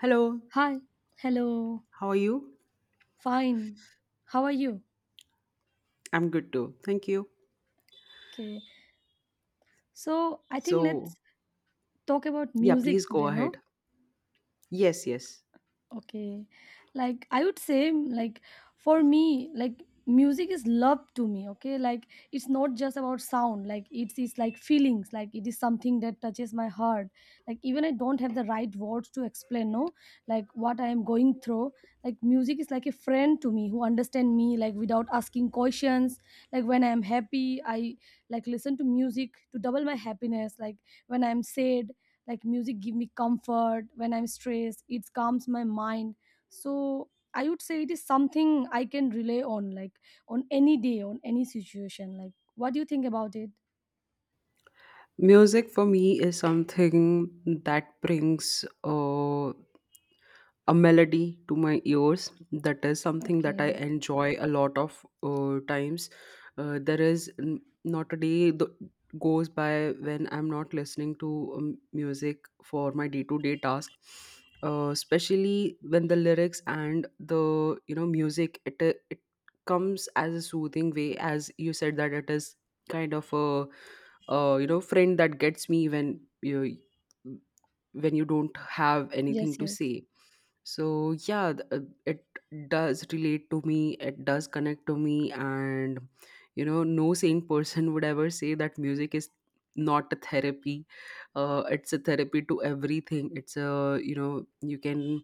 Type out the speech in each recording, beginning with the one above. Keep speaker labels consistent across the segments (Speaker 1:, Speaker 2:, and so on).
Speaker 1: Hello,
Speaker 2: Hi. Hello.
Speaker 1: how are you?
Speaker 2: Fine. How are you?
Speaker 1: I'm good too. Thank you.
Speaker 2: Okay. So I think let's
Speaker 1: So,
Speaker 2: talk about
Speaker 1: yeah, please
Speaker 2: music
Speaker 1: go
Speaker 2: today, no?
Speaker 1: ahead. Yes, yes.
Speaker 2: Okay. Like I would say like for me like music is love to me, okay, like it's not just about sound, like it's like feelings, like it is something that touches my heart, like even I don't have the right words to explain, no, like what I am going through, like music is like a friend to me who understand me like without asking questions, like when I am happy I like listen to music to double my happiness, like when I am sad, like music give me comfort, when I'm stressed it calms my mind. So I would say it is something I can rely on, like on any day, on any situation. Like what do you think about it?
Speaker 1: Music for me is something that brings a melody to my ears. That is something that I
Speaker 2: Okay.
Speaker 1: enjoy a lot of times. There is not a day th- goes by when I'm not listening to music for my day-to-day task. Especially when the lyrics and the music it comes as a soothing way, as you said, that it is kind of a friend that gets me when you don't have
Speaker 2: Yes,
Speaker 1: anything to
Speaker 2: yes.
Speaker 1: say. So yeah, it does relate to me, it does connect to me. And you know, no sane person would ever say that music is not a therapy. It's a therapy to everything. It's a, you know, you can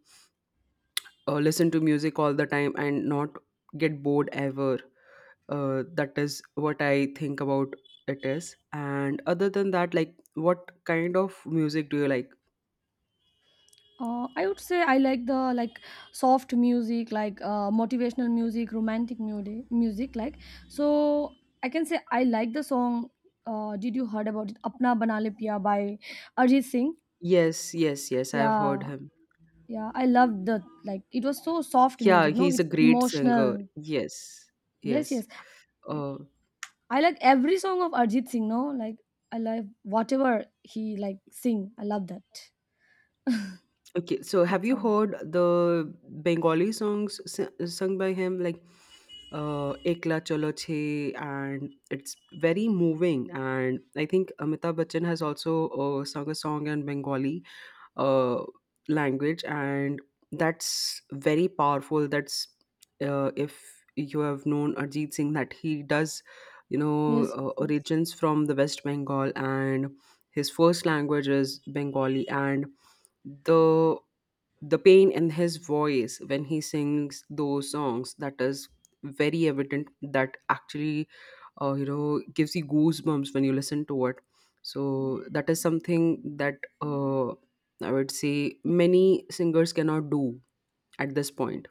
Speaker 1: listen to music all the time and not get bored ever. That is what I think about it is. And other than that, like what kind of music do you like?
Speaker 2: I would say I like the like soft music, like motivational music, romantic music like. So I can say I like the song, did you heard about it, apna bana le piya by arjit singh?
Speaker 1: Yes, yes, yes, I've heard
Speaker 2: Yeah.
Speaker 1: him.
Speaker 2: Yeah, I loved the, like, it was so soft
Speaker 1: Yeah,
Speaker 2: music, no?
Speaker 1: he's a
Speaker 2: It's
Speaker 1: great singer.
Speaker 2: emotional.
Speaker 1: Yes,
Speaker 2: Yes,
Speaker 1: yes.
Speaker 2: yes.
Speaker 1: Uh,
Speaker 2: I like every song of Arjit Singh, no? Like I like whatever he like sing. I love that.
Speaker 1: okay, so have
Speaker 2: That
Speaker 1: you
Speaker 2: song.
Speaker 1: heard the Bengali songs sung by him, like Ekla Chalo Chhe, and it's very moving. And I think Amitabh Bachchan has also sung a song in Bengali. uh, Language and that's very powerful. That's if you have known Arjit Singh, that he does, you know,
Speaker 2: Yes, yes.
Speaker 1: origins from the West Bengal, and his first language is Bengali. And the the pain in his voice when he sings those songs, that is very evident, that actually gives you goosebumps when you listen to it. So that is something that I would say
Speaker 2: Yes.
Speaker 1: many singers cannot do at this point.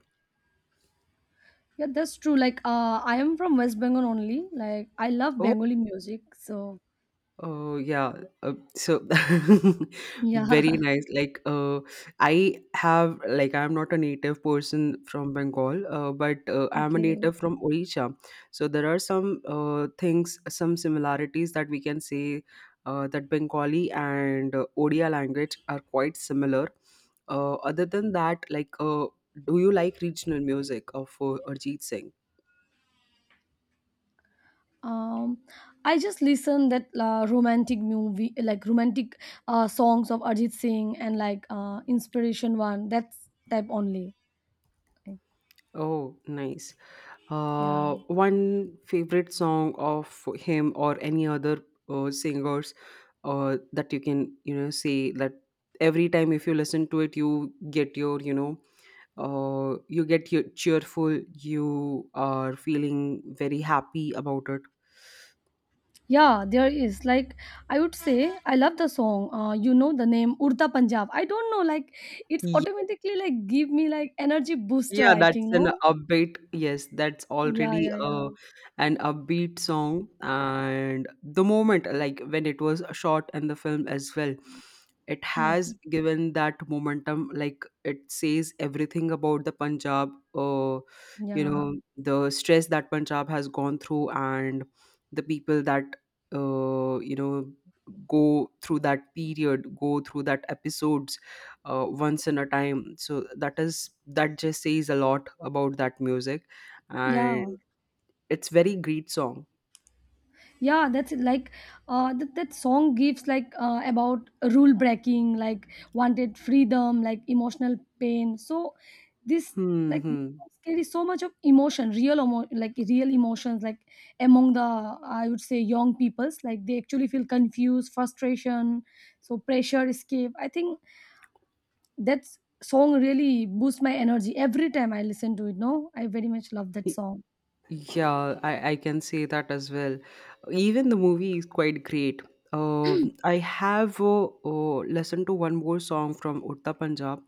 Speaker 2: Yeah, that's true. Like I am from West Bengal only. Like I love Bengali music. So
Speaker 1: Oh yeah, so. Very
Speaker 2: yeah.
Speaker 1: nice. I have like I'm not a native person from Bengal, but I'm a
Speaker 2: Okay.
Speaker 1: native from Odisha. So there are some things, some similarities that we can say, that Bengali and Odia language are quite similar. Other than that, do you like regional music of Arjit Singh?
Speaker 2: um I just listen that romantic movie, like romantic songs of arjit singh, and like inspiration one, that's type only. Like,
Speaker 1: Oh, nice.
Speaker 2: yeah,
Speaker 1: One favorite song of him or any other singers, that you can, you know, say that every time if you listen to it you get your, you know, you get your cheerful, you are feeling very happy about it.
Speaker 2: yeah, there is, like, I would say I love the song, you know the name urta punjab, I don't know, like it's automatically like give me like energy booster,
Speaker 1: Yeah,
Speaker 2: I
Speaker 1: that's
Speaker 2: think, no.
Speaker 1: an upbeat. Yes, that's
Speaker 2: Yeah,
Speaker 1: already
Speaker 2: yeah, yeah.
Speaker 1: an upbeat song. And the moment, like when it was shot in the film as well, it
Speaker 2: Yes.
Speaker 1: has given that momentum. Like it says everything about the Punjab, you
Speaker 2: Yeah,
Speaker 1: know, the stress that Punjab has gone through and the people that, you know, go through that period, go through that episode once in a time. So that is, that just says a lot about that music. And
Speaker 2: yeah,
Speaker 1: it's very great song.
Speaker 2: yeah, that's it, like that song gives like about rule breaking, like wanted freedom, like emotional pain. So this,
Speaker 1: Hmm,
Speaker 2: like,
Speaker 1: hmm.
Speaker 2: carries so much of emotion, like real emotions, like among the, I would say, young peoples, like they actually feel confused, frustration, so pressure escape, I think. That song really boosts my energy every time I listen to it, no, I very much love that song.
Speaker 1: Yeah, I can say that as well. Even the movie is quite great. Uh, I have listened to one more song from Urta Punjab,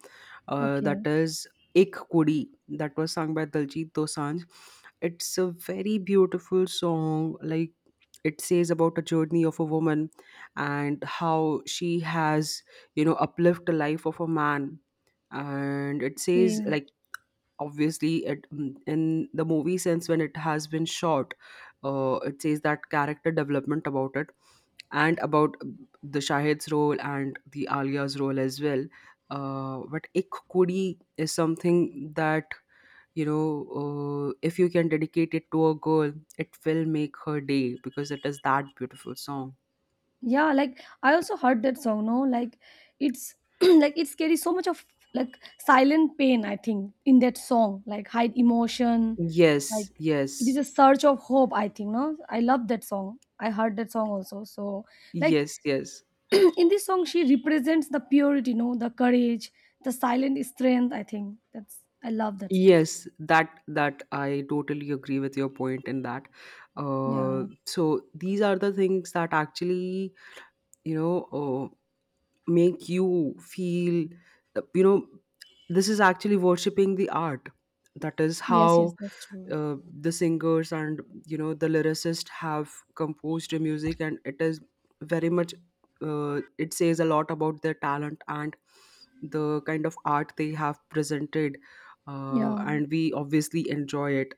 Speaker 1: that
Speaker 2: Okay.
Speaker 1: is Ik Kudi, that was sung by Daljit Dosanjh. It's a very beautiful song. Like it says about a journey of a woman and how she has, you know, uplift the life of a man. And it
Speaker 2: Okay.
Speaker 1: says like obviously it, in the movie sense when it has been shot, it says that character development about it and about the Shahid's role and the Alia's role as well. But Ik Kudi is something that, you know, if you can dedicate it to a girl, it will make her day, because it is that beautiful song.
Speaker 2: Yeah, like I also heard that song, no, like it's like it carries so much of, like, silent pain I think in that song, like hide emotion,
Speaker 1: Yes,
Speaker 2: like, it is
Speaker 1: yes,
Speaker 2: a search of hope, I think, no, I love that song, I heard that song also, so, like,
Speaker 1: yes, yes.
Speaker 2: in this song she represents the purity, no, the courage, the silent strength, I think, that's, I love that song.
Speaker 1: Yes, that that I totally agree with your point in that.
Speaker 2: Yeah.
Speaker 1: So these are the things that actually, you know, make you feel. You know, this is actually worshiping the art. That is
Speaker 2: Yes, yes,
Speaker 1: how
Speaker 2: that's true.
Speaker 1: the singers and, you know, the lyricist have composed the music, and it is very much it says a lot about their talent and the kind of art they have presented,
Speaker 2: Yeah,
Speaker 1: and we obviously enjoy it,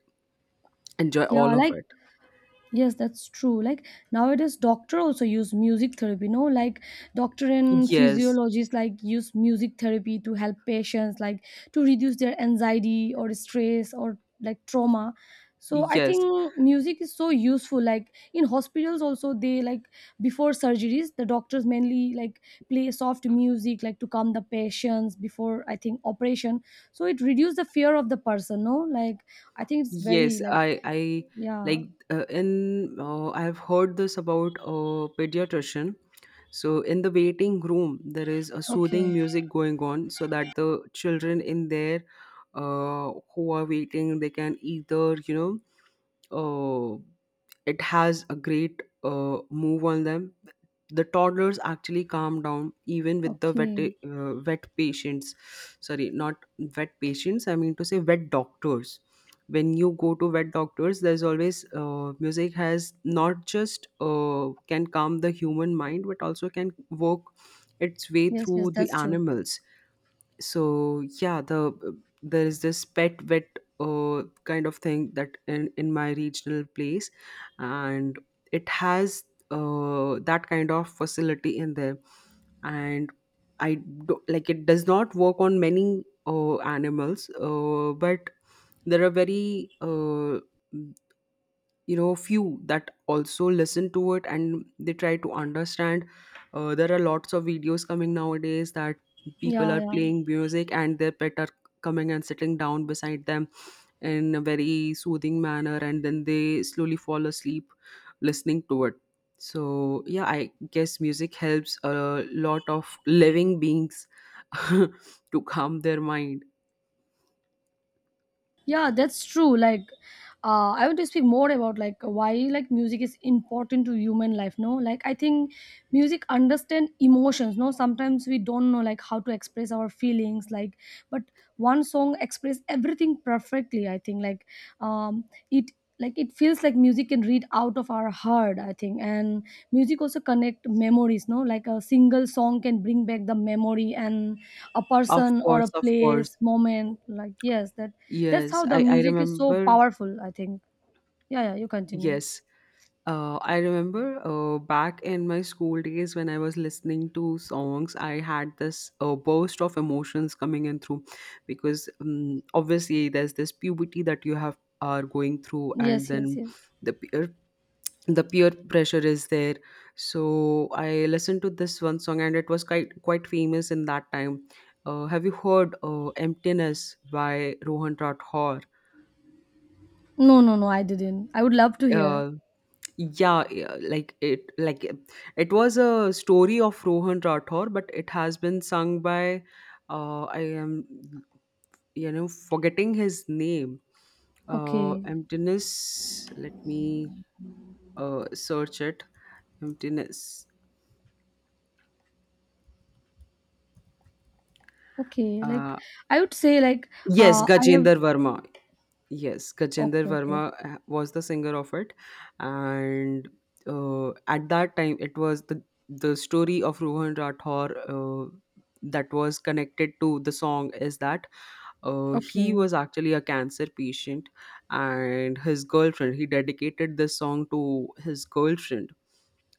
Speaker 1: enjoy all
Speaker 2: yeah.
Speaker 1: of
Speaker 2: Like,
Speaker 1: it.
Speaker 2: yes, that's true. Like nowadays, doctor also use music therapy, no, like doctor and
Speaker 1: Yes,
Speaker 2: physiologists like use music therapy to help patients, like to reduce their anxiety or stress or like trauma. So I
Speaker 1: yes.
Speaker 2: think music is so useful. Like in hospitals also, they like before surgeries, the doctors mainly like play soft music like to calm the patients before, I think, operation. So it reduces the fear of the person, no, like I think it's very
Speaker 1: Yes,
Speaker 2: like
Speaker 1: I
Speaker 2: yeah.
Speaker 1: like in I've heard this about a pediatrician. So in the waiting room, there is a
Speaker 2: Okay.
Speaker 1: soothing music going on, so that the children in there, who are waiting, they can either know uh, it has a great move on them. The toddlers actually calm down even with the wet
Speaker 2: Okay.
Speaker 1: wet patients. Sorry, not wet patients, I mean to say wet doctors. When you go to wet doctors, there's always music. Has not just can calm the human mind but also can work its way
Speaker 2: Yes, yes,
Speaker 1: through the
Speaker 2: that's true.
Speaker 1: animals. So yeah, the there is this pet vet kind of thing that in my regional place, and it has that kind of facility in there. And I do, like it does not work on many animals, but there are very few that also listen to it and they try to understand. There are lots of videos coming nowadays that people
Speaker 2: Yeah,
Speaker 1: are
Speaker 2: yeah.
Speaker 1: playing music and their pet are coming and sitting down beside them in a very soothing manner, and then they slowly fall asleep listening to it. So yeah, I guess music helps a lot of living beings to calm their mind.
Speaker 2: Yeah, that's true. Like I want to speak more about like why like music is important to human life, no? Like I think music understand emotions, no? Sometimes we don't know like how to express our feelings, like, but one song express everything perfectly, I think. Like um it, like, it feels like music can read out of our heart, I think, and music also connect memories, no, like a single song can bring back the memory and a
Speaker 1: Of
Speaker 2: person or
Speaker 1: course,
Speaker 2: a
Speaker 1: of course.
Speaker 2: place, moment, like, yes, that, that's
Speaker 1: Yes,
Speaker 2: how the
Speaker 1: I
Speaker 2: music is so
Speaker 1: remember.
Speaker 2: powerful, I think. Yeah, yeah, you continue.
Speaker 1: Yes. I remember back in my school days when I was listening to songs, I had this burst of emotions coming in through, because obviously there's this puberty that you have are going through,
Speaker 2: Yes,
Speaker 1: and then
Speaker 2: yes, yes.
Speaker 1: the peer the peer pressure is there. So I listened to this one song, and it was quite quite famous in that time. Have you heard "Emptiness" by Rohan Rathore?
Speaker 2: No, no, no, I didn't, I would love to hear.
Speaker 1: Uh, yeah, yeah, it was a story of Rohan Rathore, but it has been sung by I am, you know, forgetting his name.
Speaker 2: Okay.
Speaker 1: Emptiness, let me search it. Emptiness.
Speaker 2: Okay, like,
Speaker 1: uh
Speaker 2: I would say, like
Speaker 1: yes,
Speaker 2: I have,
Speaker 1: Gajender Verma. Yes, Gajender
Speaker 2: okay, okay.
Speaker 1: Verma was the singer of it. And at that time, it was the story of Rohan Rathore, that was connected to the song, is that he
Speaker 2: Okay,
Speaker 1: was actually a cancer patient, and his girlfriend, he dedicated this song to his girlfriend,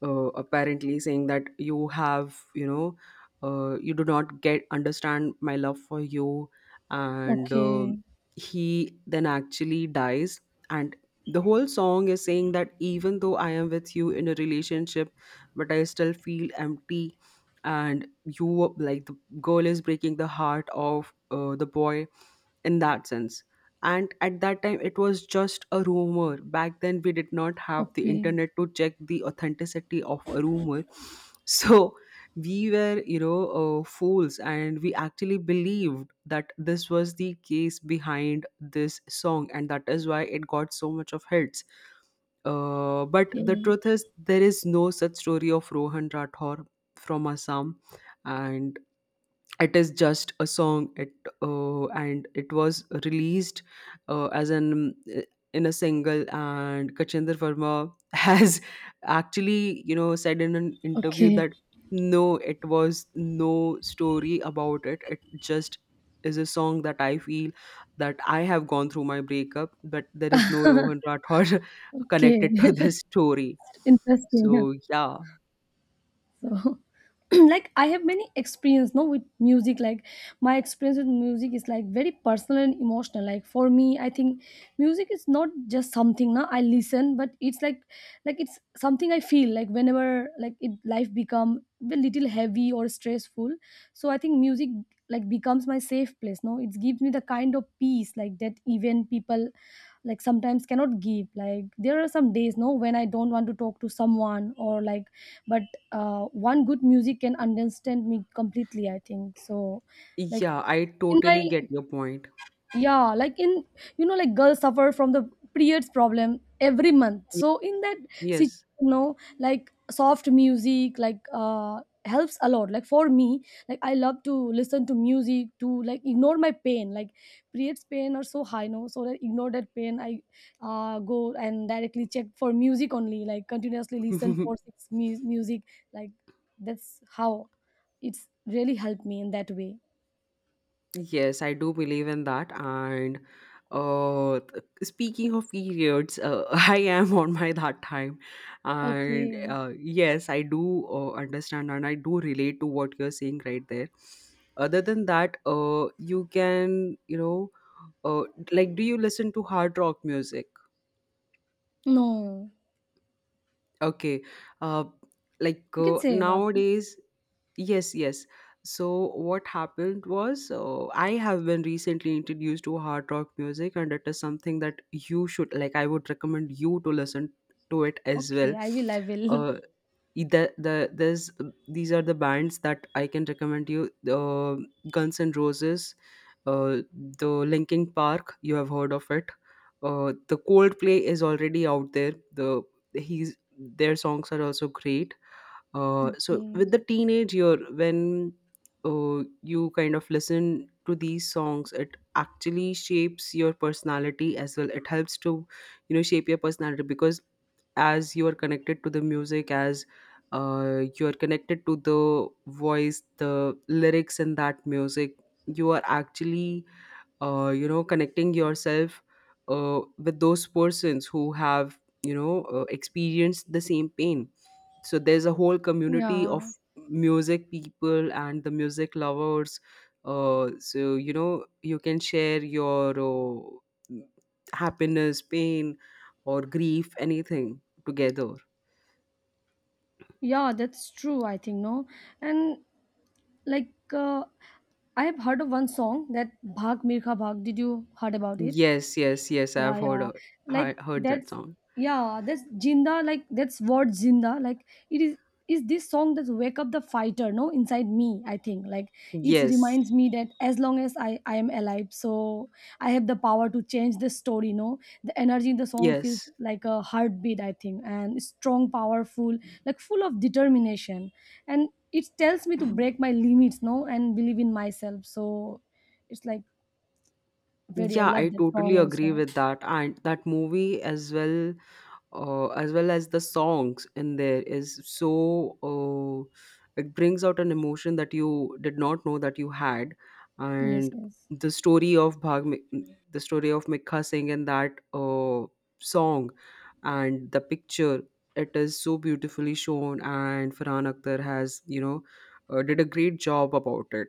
Speaker 1: apparently saying that you have, you know, you do not get understand my love for you. And
Speaker 2: okay,
Speaker 1: he then actually dies, and the whole song is saying that even though I am with you in a relationship, but I still feel empty. And you, like the girl is breaking the heart of the boy, in that sense. And at that time, it was just a rumor. Back then, we did not have the
Speaker 2: okay,
Speaker 1: internet to check the authenticity of a rumor. So we were, you know, fools, and we actually believed that this was the case behind this song, and that is why it got so much of hits. But the
Speaker 2: okay,
Speaker 1: truth is, there is no such story of Rohan Rathore from Assam, and it is just a song. It and it was released as an in a single. And Kachinder Verma has actually, you know, said in an interview
Speaker 2: okay,
Speaker 1: that no, it was no story about it. It just is a song that I feel, that I have gone through my breakup, but there is no Rohan Rathod
Speaker 2: okay.
Speaker 1: connected to this story.
Speaker 2: Interesting.
Speaker 1: So yeah.
Speaker 2: So like I have many experience, no, with music. Like my experience with music is like very personal and emotional, like for me, I think music is not just something now I listen, but it's like it's something I feel, like whenever, like, it, life become a little heavy or stressful, so I think music, like, becomes my safe place, no, it gives me the kind of peace like that even people like sometimes cannot give, like there are some days, no, when I don't want to talk to someone, or, like, but one good music can understand me completely, I think, so, like,
Speaker 1: Yeah, I
Speaker 2: in my,
Speaker 1: totally get your point.
Speaker 2: yeah, like, in, you know, like girls suffer from the periods problem every month,
Speaker 1: Y-
Speaker 2: so in that situation, you know, like soft music, like, helps a lot, like for me, like I love to listen to music to like ignore my pain, like periods pain are so high, no, so that, ignore that pain, I go and directly check for music only, like continuously
Speaker 1: yes.
Speaker 2: listen for music, like, that's how it's really helped me in that way.
Speaker 1: Yes, I do believe in that. And speaking of periods, I am on my that time. And
Speaker 2: Okay.
Speaker 1: yes, I do understand, and I do relate to what you're saying right there. Other than that, you can, you know, uh, do you listen to hard rock music?
Speaker 2: No.
Speaker 1: Okay. Uh, like
Speaker 2: You can say about me.
Speaker 1: nowadays, yes, yes. So what happened was I have been recently introduced to hard rock music, and it is something that you should like. I would recommend you to listen to it as well.
Speaker 2: Okay, I will, I will.
Speaker 1: Uh, i- the the there's, these are the bands that I can recommend you. Uh, Guns N' Roses, uh, the Linkin Park. You have heard of it. The Coldplay is already out there. He's their songs are also great, so
Speaker 2: Okay.
Speaker 1: with the teenage year when you kind of listen to these songs, it actually shapes your personality as well. It helps to shape your personality, because as you are connected to the music, as you are connected to the voice, the lyrics in that music, you are actually connecting yourself with those persons who have experienced the same pain. So there's a whole community of
Speaker 2: Yeah.
Speaker 1: music people and the music lovers. So You can share your happiness, pain or grief, anything together.
Speaker 2: Yeah, that's true, I think, no? And like, I have heard of one song that Bhag Mirka Bhag. Did you heard about it?
Speaker 1: Yes, yes, yes, I've
Speaker 2: Yeah,
Speaker 1: heard,
Speaker 2: yeah, like,
Speaker 1: heard that
Speaker 2: that's,
Speaker 1: song.
Speaker 2: yeah, that's jinda, like, that's what jinda, like, it is this song that wake up the fighter, no, inside me, I think, like it
Speaker 1: Yes,
Speaker 2: reminds me that as long as i am alive, so I have the power to change the story, no. The energy in the song feels
Speaker 1: yes.
Speaker 2: like a heartbeat, I think, and strong, powerful, like full of determination, and it tells me to break my limits, no, and believe in myself. So it's like, very, I
Speaker 1: Yeah, I
Speaker 2: love that song
Speaker 1: totally agree
Speaker 2: also.
Speaker 1: with that. And that movie as well, as well as the songs in there is so it brings out an emotion that you did not know that you had.
Speaker 2: Yes,
Speaker 1: And
Speaker 2: yes.
Speaker 1: the story of the story of Mikha Singh in that song and the picture, it is so beautifully shown. And Farhan Akhtar has, you know, did a great job about it.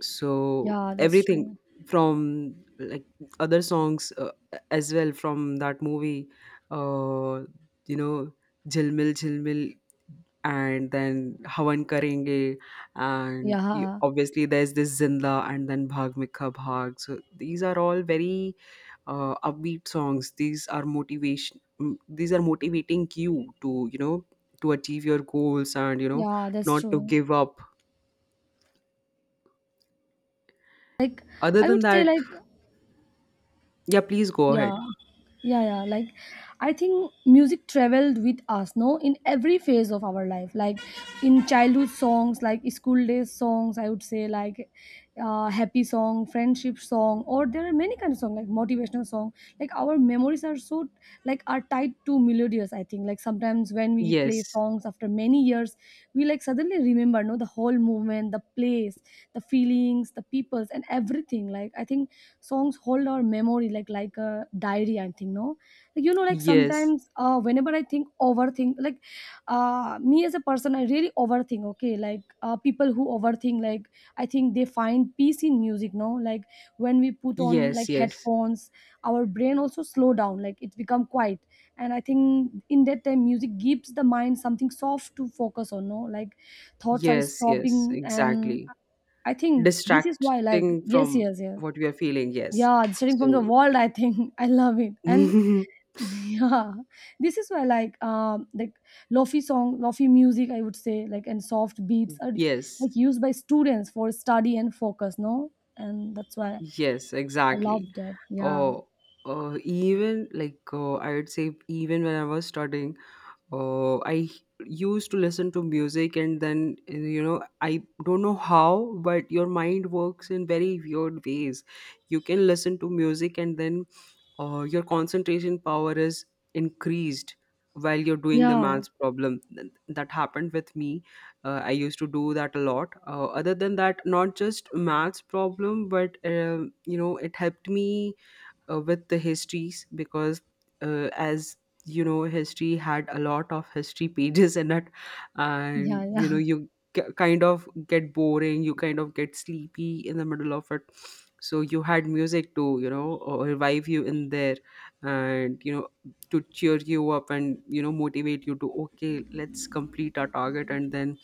Speaker 1: So
Speaker 2: Yeah, that's
Speaker 1: everything
Speaker 2: true.
Speaker 1: from, like, other songs, as well from that movie, uh you know jilmil jilmil, and then havan karenge, and you,
Speaker 2: Yeah,
Speaker 1: obviously there's this zinda and then bhag mikha bhag. So these are all very upbeat songs. These are motivation, these are motivating you to, to achieve your goals, and,
Speaker 2: yeah, that's
Speaker 1: not to
Speaker 2: true.
Speaker 1: give up.
Speaker 2: Like
Speaker 1: Other
Speaker 2: I
Speaker 1: than
Speaker 2: would say,
Speaker 1: that,
Speaker 2: like,
Speaker 1: yeah, please go
Speaker 2: yeah,
Speaker 1: ahead.
Speaker 2: yeah, yeah, like I think music traveled with us, no, in every phase of our life, like in childhood songs, like school days songs, I would say, like happy song, friendship song, or there are many kind of song, like motivational song, like, our memories are so, like, are tied to melodious, I think, like sometimes when we play
Speaker 1: Yes,
Speaker 2: songs after many years, we like suddenly remember, no, the whole movement, the place, the feelings, the peoples, and everything. Like, I think songs hold our memory like a diary, I think, no, like, you know, like
Speaker 1: yes,
Speaker 2: sometimes whenever I think, overthink, like, me as a person, I really overthink, okay, like, people who overthink, like, I think they find peace in music, no, like when we put on,
Speaker 1: yes,
Speaker 2: like,
Speaker 1: yes,
Speaker 2: headphones, our brain also slow down, like it's become quiet, and I think in that time music gives the mind something soft to focus on, no, like thoughts are
Speaker 1: yes, yes,
Speaker 2: stopping. And
Speaker 1: exactly.
Speaker 2: I think this is why, like,
Speaker 1: Distracting
Speaker 2: yes,
Speaker 1: from
Speaker 2: yes, yes,
Speaker 1: what we are feeling, yes.
Speaker 2: yeah, starting from the
Speaker 1: So,
Speaker 2: world, I think, I love it. And yeah, this is why like lofi song, lofi music, I would say, like, and soft beats are
Speaker 1: yes,
Speaker 2: like used by students for study and focus, no? And that's why
Speaker 1: yes,
Speaker 2: I love
Speaker 1: exactly.
Speaker 2: that. Yeah.
Speaker 1: Oh, even like, I would say, even when I was studying, I used to listen to music, and then, you know, I don't know how, but your mind works in very weird ways. You can listen to music, and then your concentration power is increased while you're doing the
Speaker 2: Yeah.
Speaker 1: maths problem. That happened with me. I used to do that a lot. Other than that, not just maths problem, but, um, you know, it helped me with the histories, because as you know, history had a lot of history pages in it, and,
Speaker 2: Yeah,
Speaker 1: you know,
Speaker 2: yeah.
Speaker 1: you kind of get boring, you kind of get sleepy in the middle of it. So you had music to, you know, revive you in there, and, you know, to cheer you up and, you know, motivate you to, okay, let's complete our target, and then,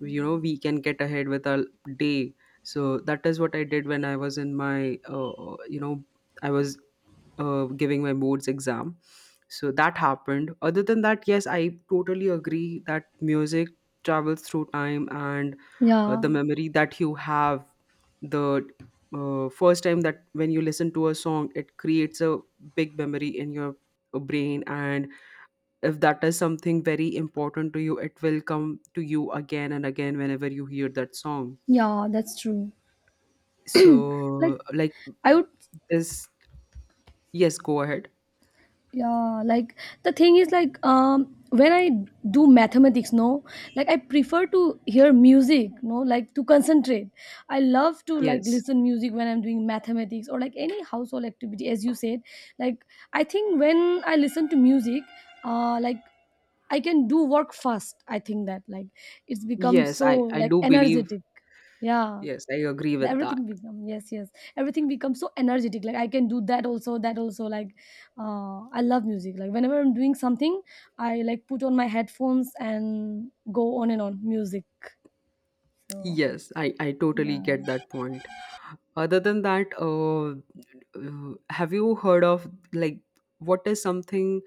Speaker 1: you know, we can get ahead with our day. So that is what I did when I was in my, you know I was giving my boards exam. So that happened. Other than that, yes, I totally agree that music travels through time and
Speaker 2: Yeah.
Speaker 1: the memory that you have, the first time that when you listen to a song, it creates a big memory in your brain. And if that is something very important to you, it will come to you again and again, whenever you hear that song.
Speaker 2: Yeah, that's true. Like
Speaker 1: So like
Speaker 2: I would,
Speaker 1: this. Yes, go ahead.
Speaker 2: yeah, like, the thing is like, when I do mathematics, no, like I prefer to hear music, no, like to concentrate. I love to like
Speaker 1: Yes,
Speaker 2: listen music when I'm doing mathematics or like any household activity, as you said, like, I think when I listen to music, like, I can do work fast, I think, that like it's become
Speaker 1: yes,
Speaker 2: so,
Speaker 1: I
Speaker 2: like,
Speaker 1: do believe.
Speaker 2: energetic. Yeah.
Speaker 1: Yes, I agree with that.
Speaker 2: Everything become, yes, yes, everything becomes so energetic, like I can do that also, that also, like, I love music, like whenever I'm doing something, I like put on my headphones and go on and on music. So
Speaker 1: Yes, I totally
Speaker 2: yeah.
Speaker 1: get that point. Other than that, have you heard of, like, what is something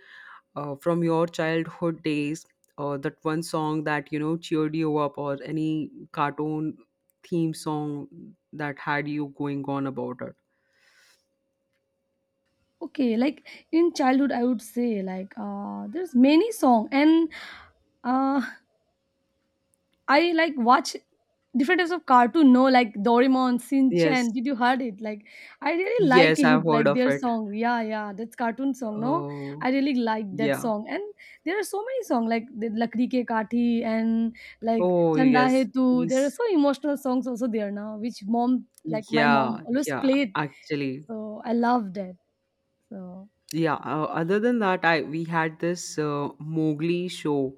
Speaker 1: from your childhood days, or that one song that, you know, cheered you up, or any cartoon theme song that had you going on about it?
Speaker 2: Okay, like, in childhood I would say, like, there's many song, and uh, I like watch different types of cartoon, no, like Doraemon,
Speaker 1: Yes,
Speaker 2: Shin-chan. Did you heard it? Like I really like
Speaker 1: yes,
Speaker 2: it,
Speaker 1: I've heard
Speaker 2: like
Speaker 1: of
Speaker 2: their
Speaker 1: it.
Speaker 2: song. Yeah, yeah, that's cartoon song, no?
Speaker 1: Oh,
Speaker 2: I really like that
Speaker 1: yeah.
Speaker 2: song. And there are so many songs like the Lakdi Ke Kathi and, like,
Speaker 1: Oh,
Speaker 2: Chanda Hai
Speaker 1: yes.
Speaker 2: Tu. There are
Speaker 1: These,
Speaker 2: so emotional songs also there, now, which mom, like my
Speaker 1: yeah,
Speaker 2: mom always
Speaker 1: yeah,
Speaker 2: played.
Speaker 1: actually.
Speaker 2: So I love that. So,
Speaker 1: Yeah, other than that, I we had this Mowgli show,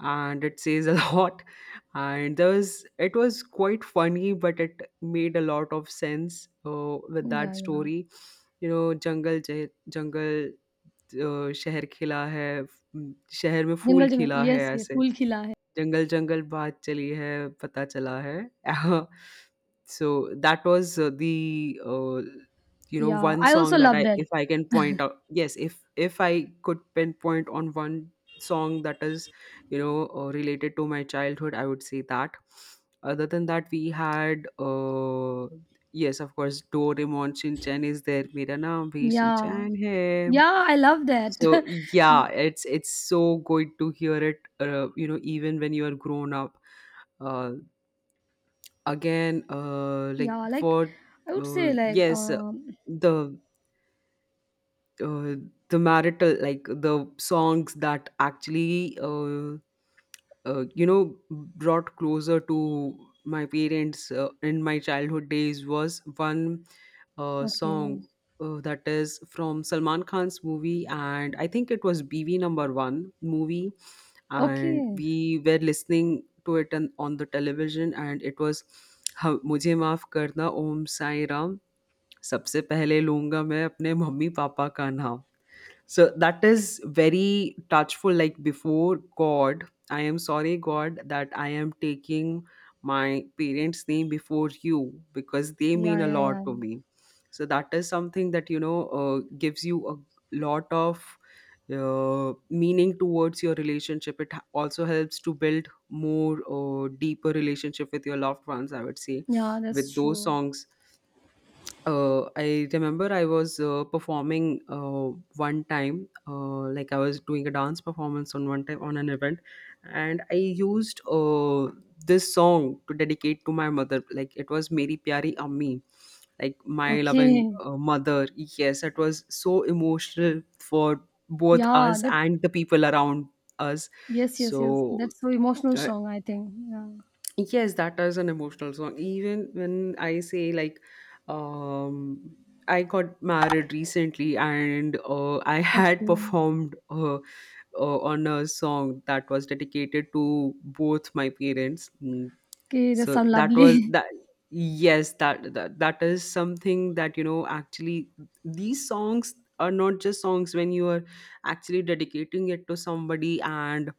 Speaker 1: and it says a lot. And there was, it was quite funny, but it made a lot of sense with
Speaker 2: yeah,
Speaker 1: that
Speaker 2: yeah.
Speaker 1: story. You know, jungle, शहर खिला है, शहर में फूल
Speaker 2: Jungle Jungle.
Speaker 1: खिला है
Speaker 2: Yes, yes,
Speaker 1: ऐसे,
Speaker 2: Phul Khila Hai.
Speaker 1: जंगल-जंगल बात चली है, पता चला है। So, that was you know,
Speaker 2: Yeah,
Speaker 1: one
Speaker 2: I
Speaker 1: song
Speaker 2: also
Speaker 1: that
Speaker 2: love
Speaker 1: I,
Speaker 2: that.
Speaker 1: if I can point out, yes, if I could pinpoint on one song that is, you know, related to my childhood, I would say that. Other than that, we had, yes, of course, Doraemon, Shin Chan is there. मेरा नाम भी
Speaker 2: Yeah.
Speaker 1: Shinchan है।
Speaker 2: Yeah, I love that.
Speaker 1: So yeah, it's so good to hear it. You know, even when you are grown up. Uh, Again, like
Speaker 2: Yeah, like,
Speaker 1: for
Speaker 2: I would
Speaker 1: uh,
Speaker 2: say like,
Speaker 1: yes, uh, the uh, the marital, like the songs that actually, you know, brought closer to my parents in my childhood days was one
Speaker 2: okay.
Speaker 1: song. That is from Salman Khan's movie, and I think it was BV number one movie, and
Speaker 2: Okay.
Speaker 1: we were listening to it on the television. And it was, "हम- मुझे माफ करना ओम साई राम, सबसे पहले लूंगा मैं अपने mummy papa का नाम." So that is very touchful, like, before god, I am sorry, god, that I am taking my parents name before you, because they mean
Speaker 2: Yeah,
Speaker 1: a
Speaker 2: yeah,
Speaker 1: lot
Speaker 2: yeah.
Speaker 1: to me. So that is something that, you know, gives you a lot of meaning towards your relationship. Also helps to build more deeper relationship with your loved ones, I would say,
Speaker 2: Yeah, that's
Speaker 1: with those
Speaker 2: true.
Speaker 1: songs. I remember I was performing one time, like I was doing a dance performance on one time on an event, and I used this song to dedicate to my mother. Like it was Meri Pyari Ammi, like my loving,
Speaker 2: Okay.
Speaker 1: mother. Yes, it was so emotional for both
Speaker 2: Yeah,
Speaker 1: us
Speaker 2: that,
Speaker 1: and the people around us.
Speaker 2: yes, yes, yes.
Speaker 1: So.
Speaker 2: That's so emotional
Speaker 1: uh,
Speaker 2: song, I think. Yeah.
Speaker 1: Yes, that is an emotional song. Even when I say, like, um, I got married recently, and I had
Speaker 2: Okay.
Speaker 1: performed, on a song that was dedicated to both my parents.
Speaker 2: Okay, that
Speaker 1: So
Speaker 2: sound
Speaker 1: that was
Speaker 2: lovely.
Speaker 1: that. Yes, that is something that, you know, actually, these songs are not just songs. When you are actually dedicating it to somebody, and,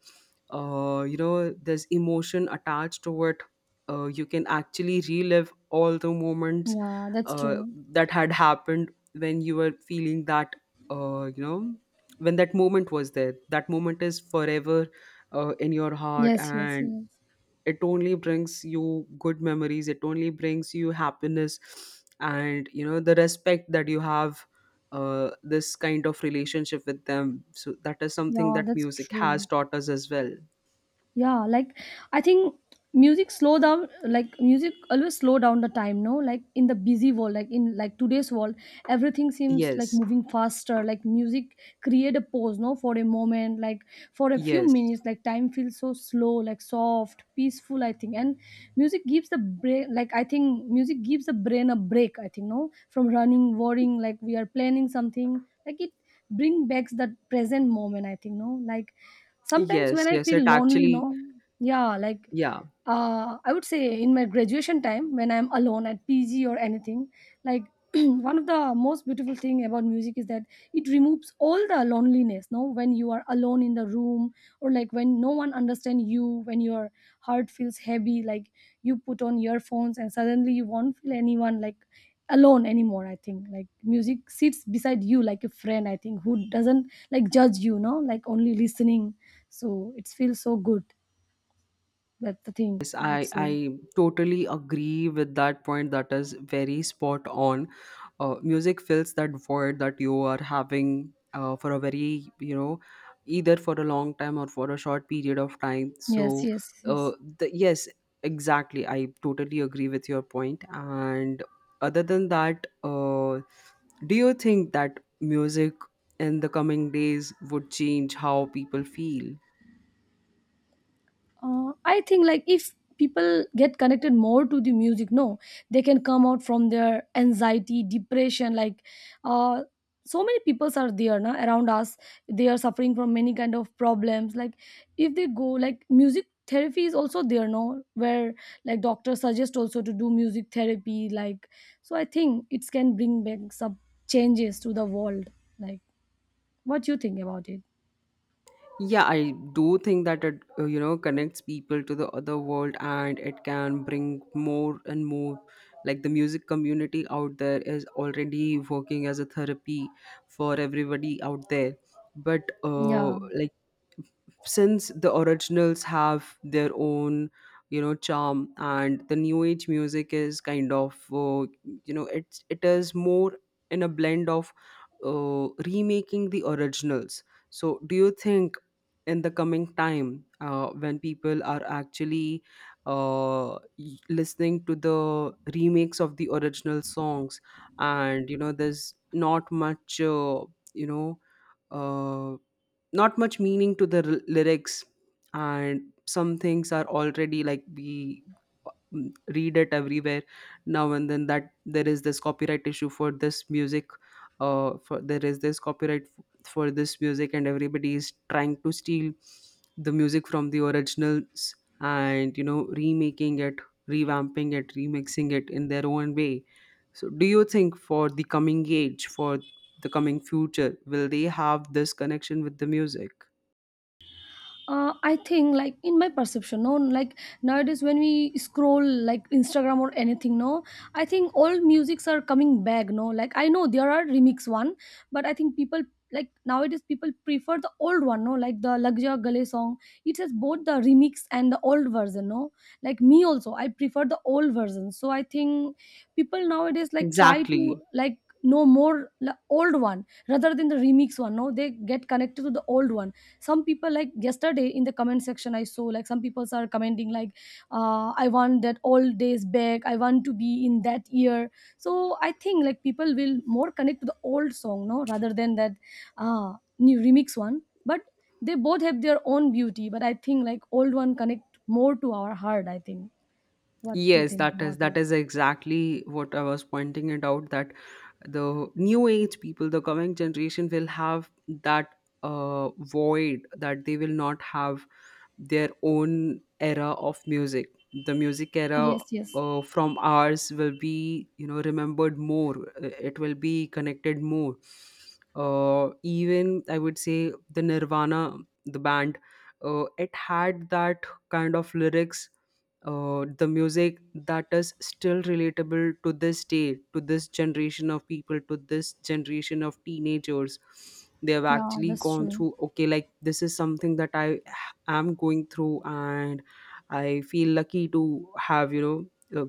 Speaker 1: you know, there's emotion attached to it, you can actually relive all the moments
Speaker 2: Yeah, that's
Speaker 1: uh,
Speaker 2: true.
Speaker 1: that had happened. When you were feeling that, you know, when that moment was there, that moment is forever in your heart.
Speaker 2: Yes, yes,
Speaker 1: And
Speaker 2: yes.
Speaker 1: it only brings you good memories, it only brings you happiness. And, you know, the respect that you have, this kind of relationship with them, so that is something
Speaker 2: Yeah,
Speaker 1: that
Speaker 2: that's
Speaker 1: music has
Speaker 2: true.
Speaker 1: taught us as well.
Speaker 2: Yeah, like I think music slow down, like music always slow down the time, no, like in the busy world, like in like today's world, everything seems like
Speaker 1: Yes,
Speaker 2: moving faster, like music create a pause, no, for a moment, like for a few
Speaker 1: yes,
Speaker 2: minutes, like time feels so slow, like soft, peaceful, I think. And music gives the brain, like I think music gives the brain a break, I think, no, from running, worrying, like we are planning something, like it bring back that present moment, I think, no, like sometimes
Speaker 1: yes,
Speaker 2: when I
Speaker 1: yes,
Speaker 2: feel
Speaker 1: it
Speaker 2: lonely,
Speaker 1: actually,
Speaker 2: no. Yeah, like
Speaker 1: yeah,
Speaker 2: I would say in my graduation time when I'm alone at PG or anything, like one of the most beautiful thing about music is that it removes all the loneliness. No, when you are alone in the room, or like when no one understands you, when your heart feels heavy, like you put on earphones and suddenly you won't feel anyone like alone anymore, I think. Like music sits beside you like a friend, I think, who doesn't like judge you, no, like only listening, so it feels so good. That's the thing
Speaker 1: yes,
Speaker 2: I would
Speaker 1: I
Speaker 2: say.
Speaker 1: totally agree with that point. That is very spot on. Music fills that void that you are having for a very, you know, either for a long time or for a short period of time. So,
Speaker 2: Yes, yes,
Speaker 1: uh,
Speaker 2: yes.
Speaker 1: yes, exactly, I totally agree with your point. And other than that, do you think that music in the coming days would change how people feel?
Speaker 2: I think like if people get connected more to the music, no, they can come out from their anxiety, depression. Like, uh, so many peoples are there now around us. They are suffering from many kind of problems. Like, if they go, like music therapy is also there, no, where like doctors suggest also to do music therapy, like so I think it can bring back some changes to the world. Like, what you think about it?
Speaker 1: Yeah, I do think that it, you know, connects people to the other world, and it can bring more and more. Like, the music community out there is already working as a therapy for everybody out there. But,
Speaker 2: Yeah,
Speaker 1: like, since the originals have their own, you know, charm, and the new age music is kind of, it is more in a blend of remaking the originals. So, do you think in the coming time, when people are actually, listening to the remakes of the original songs, and, you know, there's not much, you know uh, not much meaning to the lyrics, and some things are already, like, we, read it everywhere, now and then, that there is this copyright issue for this music, for there is this copyright for this music, and everybody is trying to steal the music from the originals, and, you know, remaking it, revamping it, remixing it, in their own way. So do you think, for the coming age, for the coming future, will they have this connection with the music?
Speaker 2: I think like in my perception, no, like nowadays when we scroll like Instagram or anything, no, I think all musics are coming back, no, like I know there are remix one, but I think people, like nowadays people prefer the old one, no, like the Lagja Gale song. It has both the remix and the old version, no, like me also, I prefer the old version. So I think people nowadays like try to
Speaker 1: Exactly.
Speaker 2: like know more la- old one rather than the remix one, no, they get connected to the old one. Some people, like yesterday in the comment section I saw, like some people are commenting like, I want that old days back, I want to be in that year. So I think like people will more connect to the old song, no, rather than that uh, new remix one. But they both have their own beauty, but I think like old one connect more to our heart, I think. What do you
Speaker 1: Yes,
Speaker 2: think about it?
Speaker 1: that is exactly what I was pointing it out, that the new age people, the coming generation, will have that void, that they will not have their own era of music. The music era
Speaker 2: Yes, yes.
Speaker 1: from ours will be, you know, remembered more. It will be connected more. Even I would say the Nirvana, the band, it had that kind of lyrics, the music that is still relatable to this day, to this generation of people, to this generation of teenagers. They have
Speaker 2: Yeah,
Speaker 1: actually
Speaker 2: that's
Speaker 1: gone
Speaker 2: true.
Speaker 1: through, okay, like, this is something that I am going through, and I feel lucky to have, you know, uh,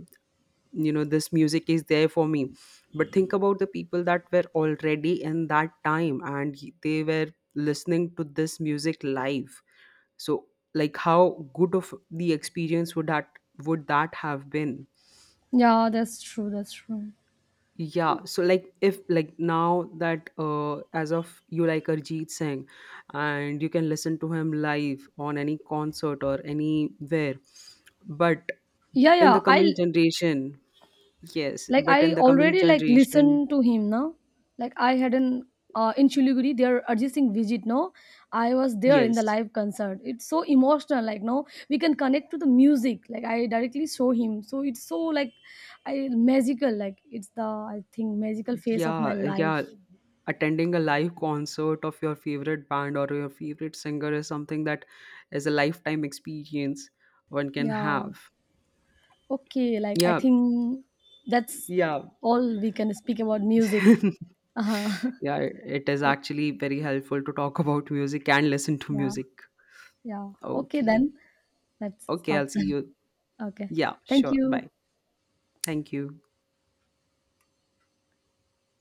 Speaker 1: you know this music is there for me. But think about the people that were already in that time, and they were listening to this music live. So, like, how good of the experience would that have been?
Speaker 2: Yeah, that's true. That's true.
Speaker 1: Yeah, so, like, if, like, now that, as of, you, like, Arjit Singh, and you can listen to him live on any concert or anywhere. But
Speaker 2: Yeah,
Speaker 1: in the
Speaker 2: yeah,
Speaker 1: coming
Speaker 2: I,
Speaker 1: generation, yes,
Speaker 2: like
Speaker 1: but
Speaker 2: I
Speaker 1: in the coming
Speaker 2: already like
Speaker 1: generation,
Speaker 2: listen to him now, like I had an in Chiliguri, their Arjit Singh visit. No, I was there in the
Speaker 1: yes.
Speaker 2: live concert. It's so emotional. Like no, we can connect to the music. Like I directly saw him, so it's so like, I magical. Like it's the I think magical phase of my
Speaker 1: Yeah, yeah.
Speaker 2: life.
Speaker 1: Attending a live concert of your favorite band or your favorite singer is something that is a lifetime experience one can
Speaker 2: Yeah.
Speaker 1: have.
Speaker 2: Okay. Like I
Speaker 1: Yeah,
Speaker 2: think that's
Speaker 1: yeah.
Speaker 2: all we can speak about music. Uh-huh.
Speaker 1: Yeah, it is actually very helpful to talk about music and listen to
Speaker 2: Yeah.
Speaker 1: music.
Speaker 2: Yeah, okay
Speaker 1: Okay.
Speaker 2: then. Let's
Speaker 1: Okay, I'll
Speaker 2: stop
Speaker 1: see
Speaker 2: then.
Speaker 1: you.
Speaker 2: Okay.
Speaker 1: Yeah,
Speaker 2: Thank
Speaker 1: sure. Bye.
Speaker 2: you.
Speaker 1: Thank you.